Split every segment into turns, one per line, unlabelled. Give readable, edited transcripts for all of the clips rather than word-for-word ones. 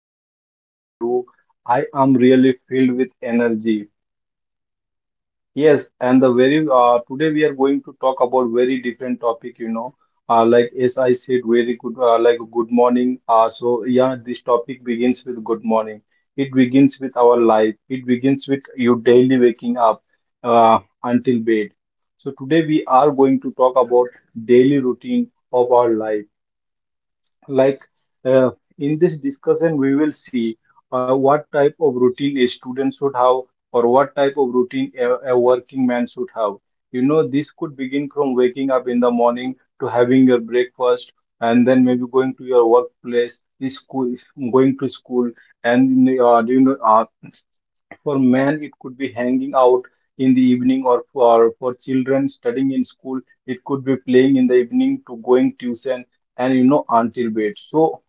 in this morning you I am really filled with energy. Yes, and the very today we are going to talk about very different topic. Like as I said, very good like good morning. So yeah, this topic begins with good morning. It begins with our life. It begins with you daily waking up until bed. So today we are going to talk about daily routine of our life, like, uh, in this discussion, we will see what type of routine a student should have, or what type of routine a working man should have. You know, this could begin from waking up in the morning to having your breakfast and then maybe going to your workplace, is school, is going to school, and do you know, for men, it could be hanging out in the evening, or for children studying in school, it could be playing in the evening to going tuition and until bed. So,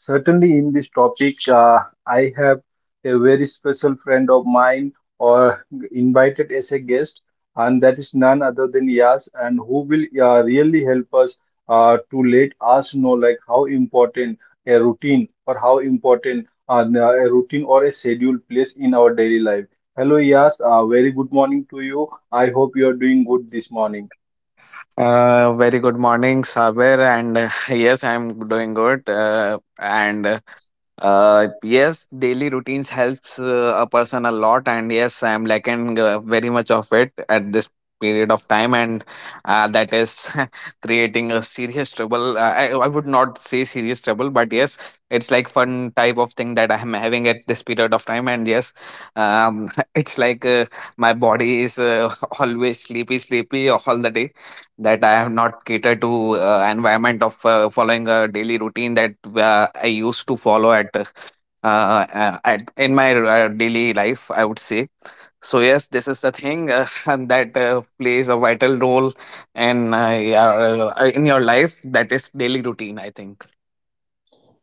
certainly, in this topic, I have a very special friend of mine, or invited as a guest, and that is none other than Yas, and who will really help us to let us know like how important a routine, or how important a routine or a schedule plays in our daily life. Hello, Yas. Very good morning to you. I hope you are doing good this morning.
Very good morning, Saber, and yes, I'm doing good. And Yes, daily routines helps a person a lot, and yes, I'm lacking very much of it at this period of time, and that is creating a serious trouble. I would not say serious trouble, but yes, it's like fun type of thing that I'm having at this period of time, and yes, um, it's like my body is always sleepy, sleepy all the day that I have not catered to environment of following a daily routine that I used to follow at in my daily life, I would say Yes, this is the thing and that plays a vital role in in your life. That is daily routine, I think.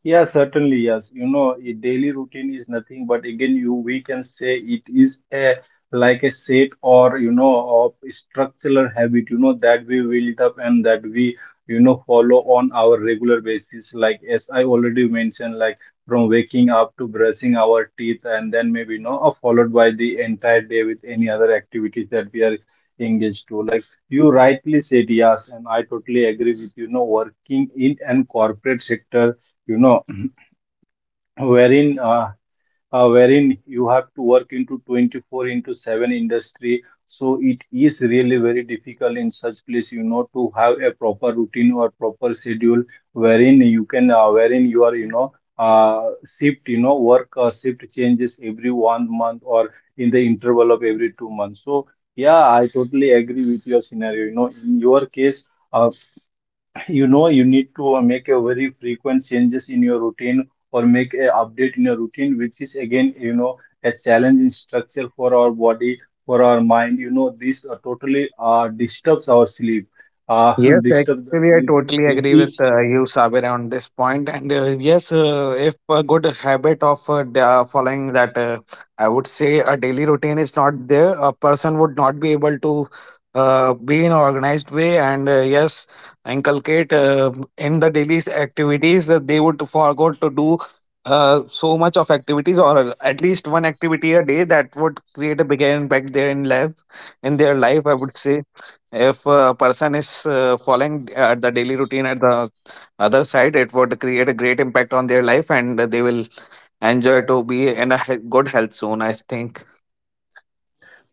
Yeah, certainly, yes. You know, a daily routine is nothing, but again, you we can say it is a like a set, or, of structural habit, that we build up and that we follow on our regular basis. Like as I already mentioned, like from waking up to brushing our teeth, and then maybe followed by the entire day with any other activities that we are engaged to. Like you rightly said, yes, and I totally agree with, working in an corporate sector, you know wherein, wherein you have to work into 24 into 7 industry, so it is really very difficult in such place, to have a proper routine or proper schedule wherein you are, shift you know work shift changes every one month, or in the interval of every 2 months. So yeah, I totally agree with your scenario, in your case. uh, you need to make a very frequent changes in your routine, or make a update in your routine, which is again, a challenge in structure for our body, for our mind you know this Totally disturbs our sleep, uh,
Yes,
disturbs
actually, I
the-
totally
it,
agree
it
with you, Sabir, on this point. If a good habit of following that, I would say a daily routine is not there, a person would not be able to be in organized way. And Yes, inculcate in the daily activities, they would forgot to do so much of activities, or at least one activity a day that would create a bigger impact there in life, in their life, I would say if a person is following the daily routine. At the other side, it would create a great impact on their life, and they will enjoy to be in a good health soon, I think.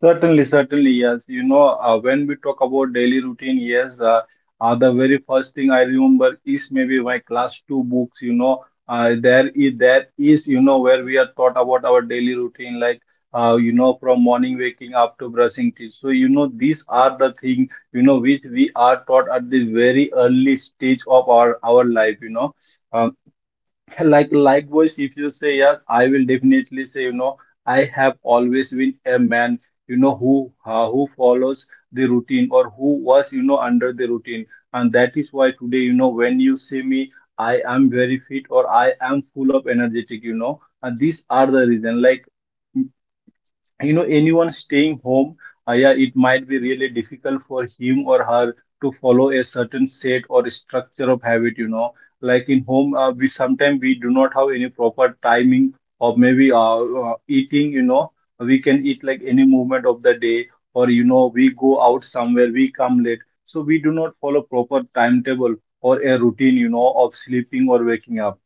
Certainly, certainly, yes. You know, when we talk about daily routine, yes, the very first thing I remember is maybe my class two books. You know, there is that is, where we are taught about our daily routine, like, from morning waking up to brushing teeth. So, these are the thing, which we are taught at the very early stage of our life. Uh, Like likewise, if you say yes, I will definitely say, I have always been a man, who who follows the routine, or who was, under the routine. And that is why today, when you see me, I am very fit, or I am full of energetic. And these are the reason. Like, anyone staying home, yeah, it might be really difficult for him or her to follow a certain set or structure of habit, like in home, we sometimes we do not have any proper timing, or maybe, eating, we can eat like any moment of the day, or, we go out somewhere, we come late, so we do not follow proper timetable or a routine, of sleeping or waking up.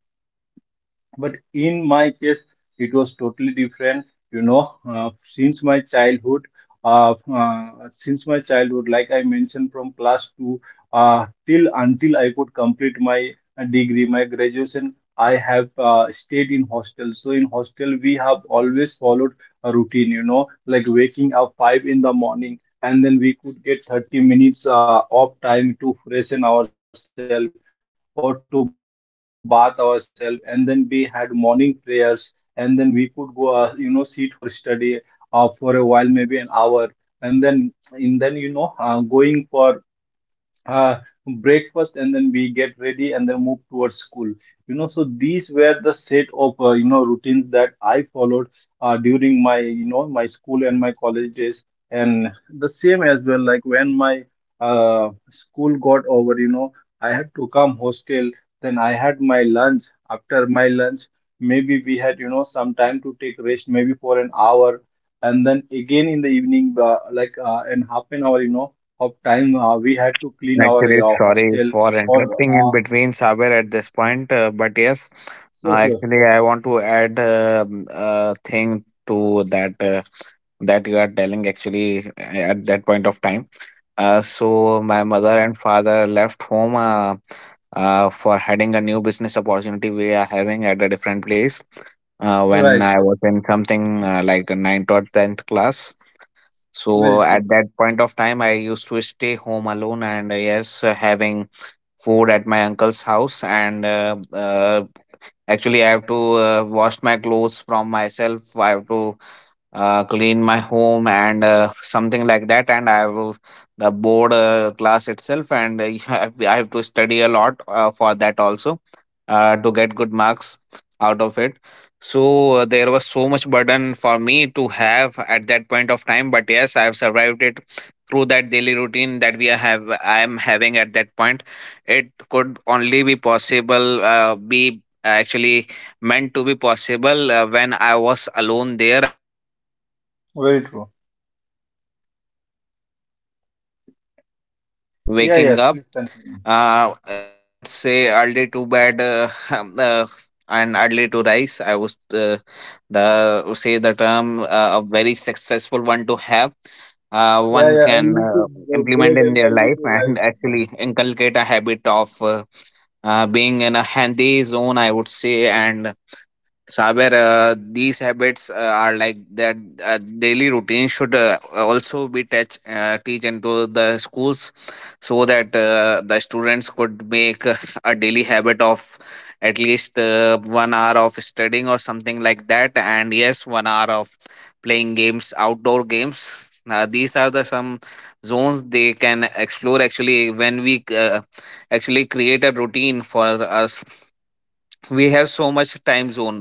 But in my case, it was totally different. Since my childhood, like I mentioned, from class 2, till until I could complete my degree, my graduation, I have stayed in hostel. So in hostel we have always followed a routine, like waking up 5 in the morning, and then we could get 30 minutes of time to freshen ourselves, or to bath ourselves, and then we had morning prayers, and then we could go, sit for study for a while, maybe an hour. And then, going for uh, breakfast, and then we get ready and then move towards school. So these were the set of, routines that I followed during my, my school and my college days. And the same as well, like when my school got over, I had to come hostel. Then I had my lunch. After my lunch, maybe we had, some time to take rest, maybe for an hour. And then again in the evening, like, in half an hour, of time, we had to clean
Actually,
our
sorry for
hostel,
interrupting
or
in between,
uh,
Saber, at this point. But yes, actually, I
sure,
want
sure.
to add a thing to that that you are telling. Actually, at that point of time, so my mother and father left home for heading a new business opportunity we are having at a different place. When I was in
Right.
something like ninth or tenth class, so at that
Very true.
point of time, I used to stay home alone, and yes, having food at my uncle's house. And Actually, I have to wash my clothes from myself. I have to clean my home and something like that, and I have the board class itself, and I have to study a lot for that also to get good marks out of it. So there was so much burden for me to have at that point of time, but yes, I have survived it through that daily routine that we are have I am having at that point. It could only be possible be actually meant to be possible when I was alone there. And yes, I was
Very
actually
true.
having a proper schedule of, I would say, waking up. Uh,
Yeah, yes,
uh,
please continue.
at that, I would say, early to bed and early to rise. I was the say the term A very successful one to have.
Yeah,
One
yeah,
can
early to the
implement
bed
in
and
their
early
life
to
and
rise.
actually inculcate a habit of being in a handy zone, I would say. And Saber, these habits are like that daily routine should also be teach, teach into the schools, so that the students could make a daily habit of at least 1 hour of studying or something like that, and yes, 1 hour of playing games, outdoor games. These are the some zones they can explore actually. When we actually create a routine for us, we have so much time zone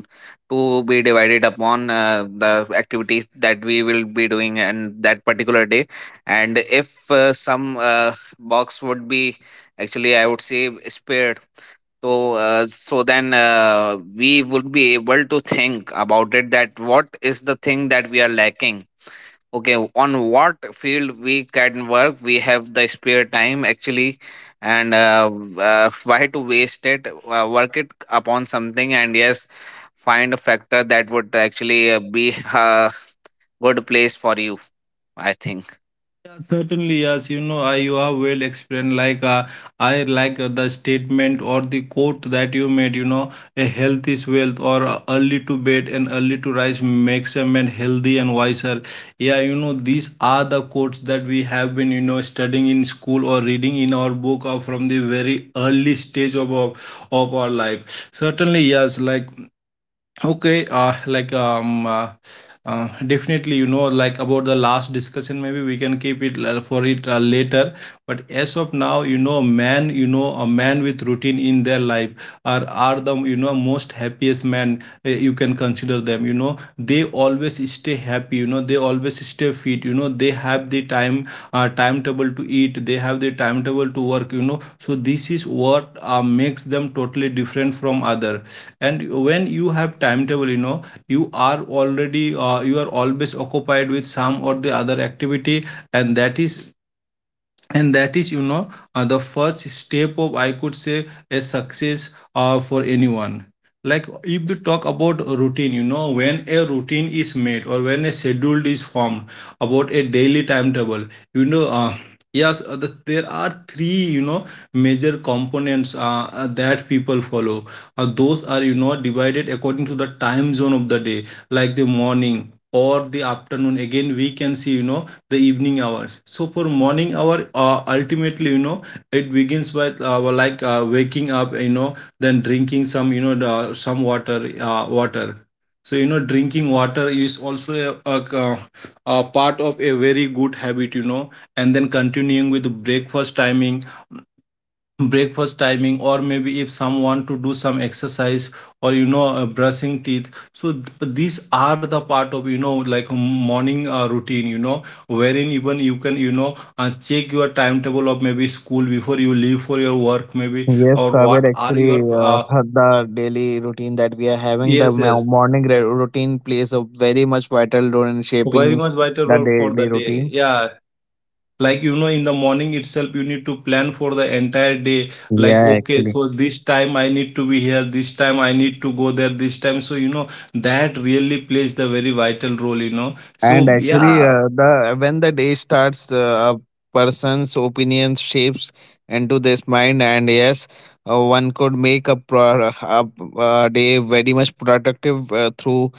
to be divided upon the activities that we will be doing and that particular day. And if some box would be actually, I would say, spared, then we would be able to think about it, that what is the thing that we are lacking, okay, on what field we can work. We have the spare time actually, and why to waste it? Work it upon something, and yes, find a factor that would actually be a good place for you, I think.
Yeah, certainly, yes. You know, you have well explained. Like, I like the statement or the quote that you made. You know, a health is wealth, or, early to bed and early to rise makes a man healthy and wiser. Yeah, these are the quotes that we have been, studying in school, or reading in our book, or from the very early stage of of our life. Certainly, yes. Like, Okay, uh, like um, uh, definitely, like, about the last discussion, maybe we can keep it for it later. But as of now, man, a man with routine in their life are the, most happiest man, you can consider them. You know, they always stay happy. You know, they always stay fit. You know, they have the timetable to eat. They have the timetable to work. You know, so this is what makes them totally different from other, and when you have timetable, you are always occupied with some or the other activity, and that is, and that is you know the first step of, I could say, a success for anyone. Like, if we talk about routine, when a routine is made, or when a schedule is formed about a daily timetable, you know uh, yes, there are three, major components that people follow. Those are, divided according to the time zone of the day, like the morning, or the afternoon, again we can see, the evening hours. So for morning hour, ultimately, it begins by, well, like, waking up, then drinking some, water. So, drinking water is also a, a part of a very good habit, and then continuing with breakfast timing, or maybe if some want to do some exercise, or, brushing teeth. So these are the part of, like, morning routine, wherein even you can, check your timetable of maybe school before you leave for your work, maybe,
Yes,
or
Sabir,
what are
actually,
your
the daily routine that we are having, the
yes, yes,
morning routine plays a very much vital role in
very
shaping
much vital
the
role for the
daily
day,
routine.
yeah, like, in the morning itself you need to plan for the entire day. Like,
Yeah,
okay,
actually.
so this time I need to be here, this time I need to go there, this time, so, that really plays the very vital role, so
And actually,
yeah.
the when the day starts, a person's opinion shapes into this mind, and yes, one could make a day very much productive through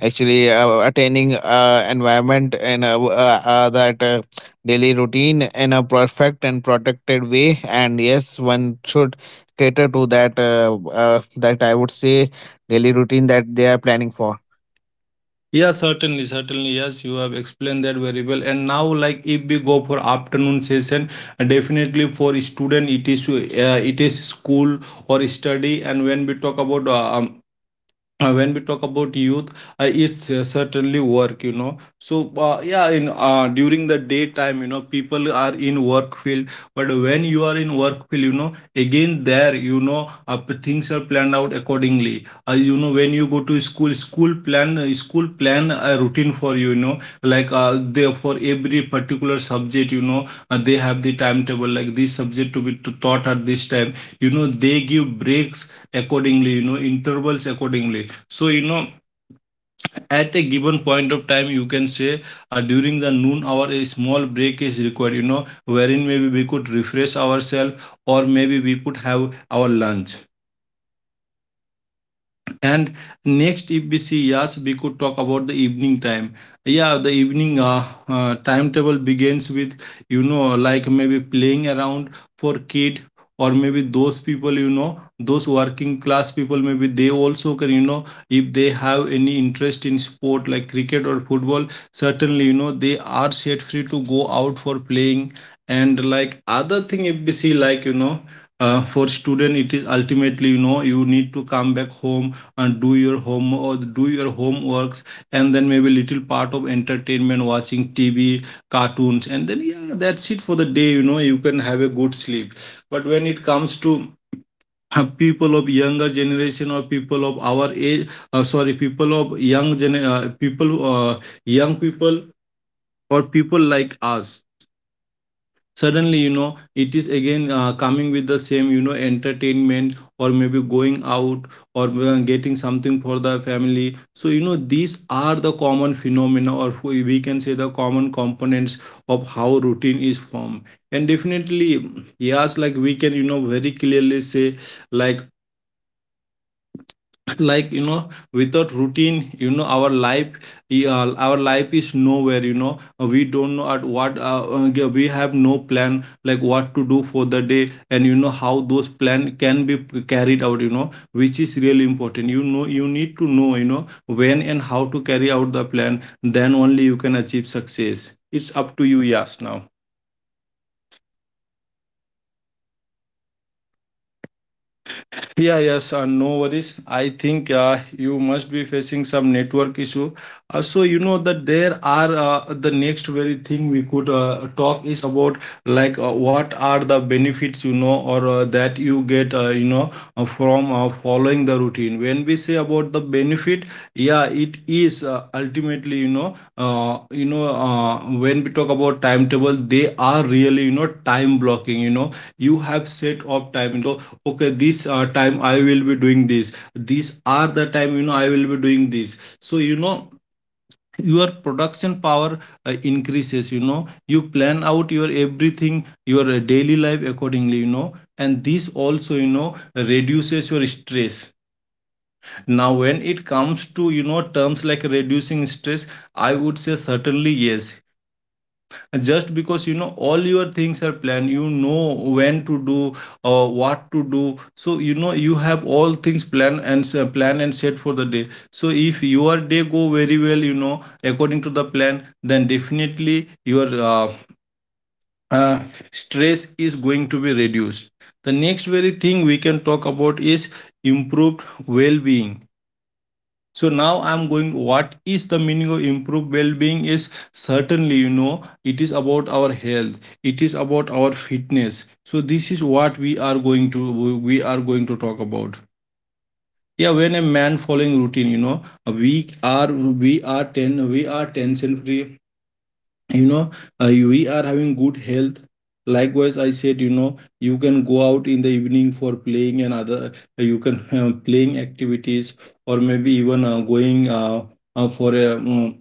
actually attaining environment and that daily routine in a perfect and protected way. And yes, one should cater to that, that I would say, daily routine that they are planning for.
Yeah, certainly, certainly, yes, you have explained that very well. And now, like, if we go for afternoon session, definitely for student it is, it is school or study. And when we talk about, youth, it's certainly work. Yeah, in during the daytime, people are in work field. But when you are in work field, again there, things are planned out accordingly. When you go to school plan a routine for you, you know like, they, for every particular subject, They have the timetable, like, this subject to be taught at this time. They give breaks accordingly, intervals accordingly. So, at a given point of time, you can say during the noon hour, a small break is required, wherein maybe we could refresh ourselves or maybe we could have our lunch. And next, if we see, yes, we could talk about the evening time. Yeah, the evening timetable begins with, like, maybe playing around for kid, or maybe those people, those working class people, maybe they also can, if they have any interest in sport like cricket or football, certainly, they are set free to go out for playing. And like other thing, if we see, like, for student it is ultimately, you need to come back home and do your home or do your homeworks. And then maybe little part of entertainment, watching tv cartoons, and then, yeah, that's it for the day. You can have a good sleep. But when it comes to, people of younger generation or people of our age, sorry people of young gen people young people or people like us, suddenly, it is again coming with the same, entertainment or maybe going out, or getting something for the family. So, these are the common phenomena, or we can say the common components of how routine is formed. And definitely, yes, like, we can, very clearly say, like, like, without routine, our our life is nowhere, We don't know at what we have no plan, like, what to do for the day, and you know how those plan can be carried out, which is really important, you need to know, when and how to carry out the plan. Then only you can achieve success. It's up to you. Yes, now. Yeah, yes, no worries. I think you must be facing some network issue. So you know that there are the next very thing we could talk is about, like, what are the benefits, or that you get, from following the routine. When we say about the benefit, yeah, it is ultimately, when we talk about timetable, they are really, time blocking. You know, you have set up time. You, okay, this time I will be doing this, these are the time, I will be doing this. So, your production power increases, you plan out your everything, your daily life accordingly, and this also, reduces your stress. Now when it comes to, terms like reducing stress, I would say certainly yes, just because, all your things are planned, when to do or what to do. So, you have all things planned and plan and set for the day. So if your day go very well, according to the plan, then definitely your uh, stress is going to be reduced. The next very thing we can talk about is improved well-being. So now I'm going what is the meaning of improved well-being is, certainly, it is about our health, it is about our fitness. So this is what we are going to, we are going to talk about. Yeah, when a man following routine, we are we are tension free, you know we are having good health. Likewise, I said, you can go out in the evening for playing and other. You can playing activities, or maybe even going for a,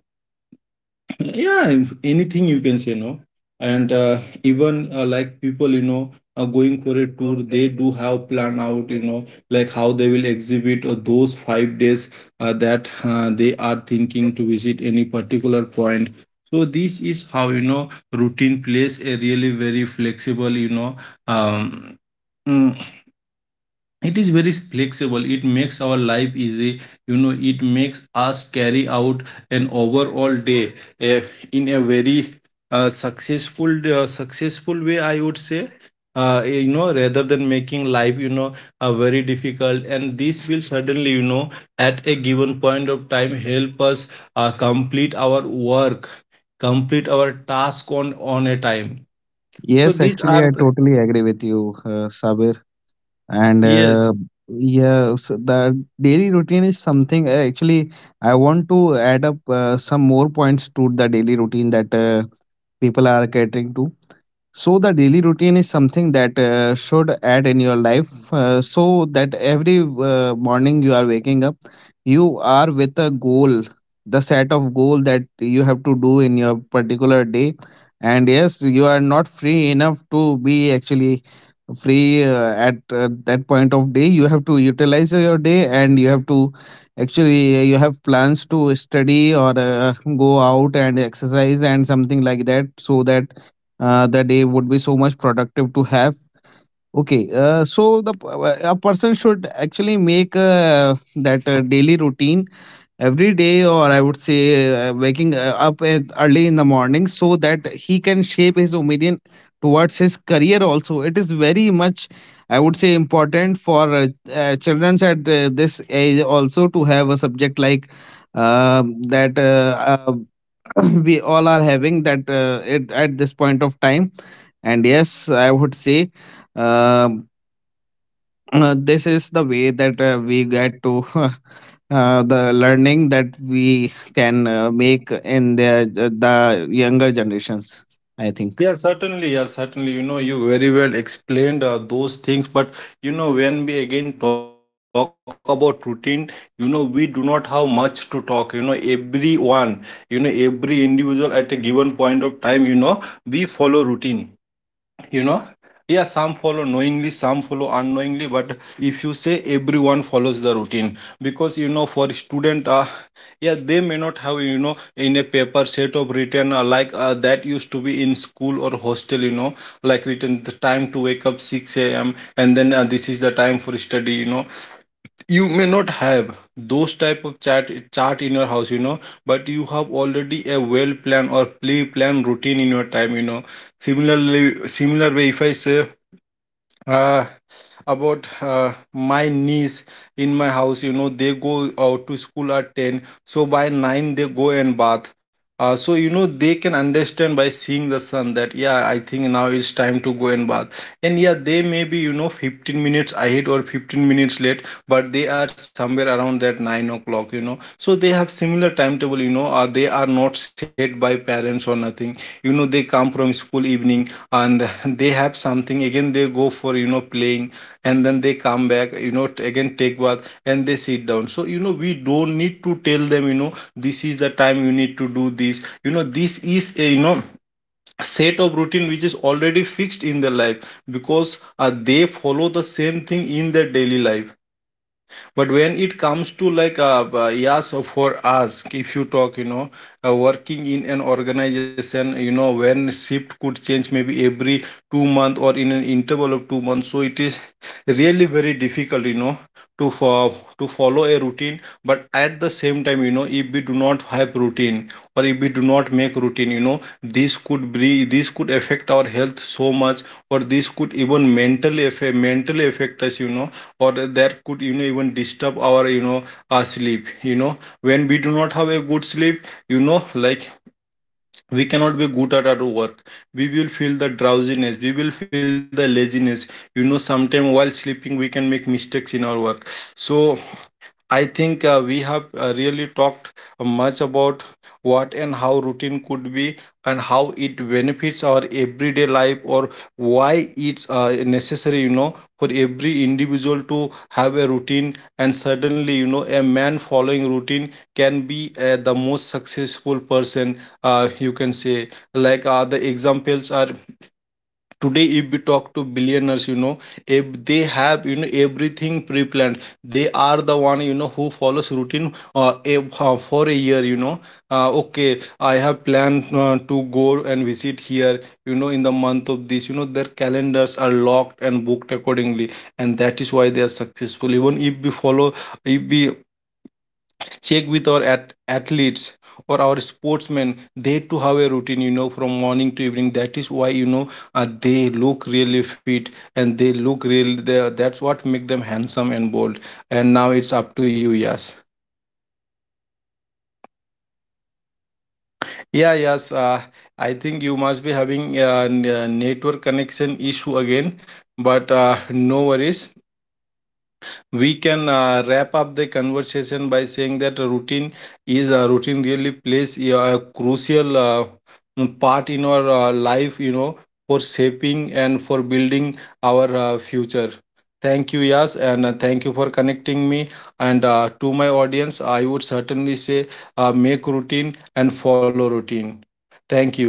yeah, anything, you can say. No. And even like people, are going for a tour, they do have plan out, like how they will exhibit those 5 days that they are thinking to visit any particular point. So this is how, routine plays a really very flexible, um, mm, it is very flexible. It makes our life easy, it makes us carry out an overall day, eh, in a very successful way, I would say, rather than making life, very difficult. And this will suddenly, at a given point of time, help us complete our work, complete our task on a time. So
Yes,
these
actually,
are
I
the,
totally agree with you, Sabir. And
yes.
Yeah, so the daily routine is something. Actually, I want to add up some more points to the daily routine that people are catering to. So the daily routine is something that should add in your life, so that every morning you are waking up, you are with a goal, the set of goal that you have to do in your particular day. And yes, you are not free enough to be actually free at that point of day. You have to utilize your day, and you have to actually you have plans to study or go out and exercise and something like that, so that the day would be so much productive to have. Okay, a person should actually make that daily routine every day, or I would say waking up at early in the morning, so that he can shape his opinion towards his career. Also, it is very much, I would say, important for children at this age also to have a subject like uh, that we all are having that, at this point of time. And yes, I would say, um this is the way that we get to the learning that we can make in the younger generations, I think.
Yeah, certainly. Yeah, certainly. You know, you very well explained those things. But, when we again talk about routine, we do not have much to talk. Everyone, every individual at a given point of time, we follow routine, you know yeah, some follow knowingly, some follow unknowingly. But if you say everyone follows the routine, because, for student, yeah, they may not have, in a paper set of written, like that used to be in school or hostel, like written the time to wake up 6 a.m., and then this is the time for study, you may not have those type of chart in your house, but you have already a well planned or pre planned routine in your time, similarly, similar way, if I say uh, about my niece in my house, they go out to school at 10, so by 9 they go and bath. So they can understand by seeing the sun that, yeah, I think now it's time to go and bath. And yeah, they may be, 15 minutes ahead or 15 minutes late, but they are somewhere around that 9 o'clock, so they have similar timetable, they are not set by parents or nothing, they come from school evening and they have something, again they go for, playing. And then they come back, again take bath and they sit down. So you know we don't need to tell them, this is the time you need to do this, this is a, set of routine which is already fixed in their life, because they follow the same thing in their daily life. But when it comes to, like, yes, for us, if you talk, working in an organization, when shift could change maybe every 2 month, or in an interval of 2 months. So it is really very difficult, to fo- to follow a routine. But at the same time, if we do not have routine, or if we do not make routine, this could affect our health so much, or this could even mentally affect us, or that could, even disturb our, our sleep, when we do not have a good sleep, like, we cannot be good at our work. We will feel the drowsiness, we will feel the laziness, sometimes while sleeping we can make mistakes in our work. So, I think we have really talked much about what and how routine could be, and how it benefits our everyday life, or why it's necessary, for every individual to have a routine. And certainly, a man following routine can be the most successful person, you can say. Like, the examples are, today if we talk to billionaires, if they have, everything pre-planned, they are the one, who follows routine for a year, Okay, I have planned to go and visit here, in the month of this, their calendars are locked and booked accordingly. And that is why they are successful. Even if we follow, if we check with our athletes or our sportsmen, they too have a routine, from morning to evening. That is why, they look really fit, and they look real, that's what make them handsome and bold. And now it's up to you. Yes, yeah, yes, I think you must be having a network connection issue again, but no worries. We can wrap up the conversation by saying that routine really plays a crucial part in our life, for shaping and for building our future. Thank you, Yas, and thank you for connecting me. And to my audience, I would certainly say, make routine and follow routine. Thank you.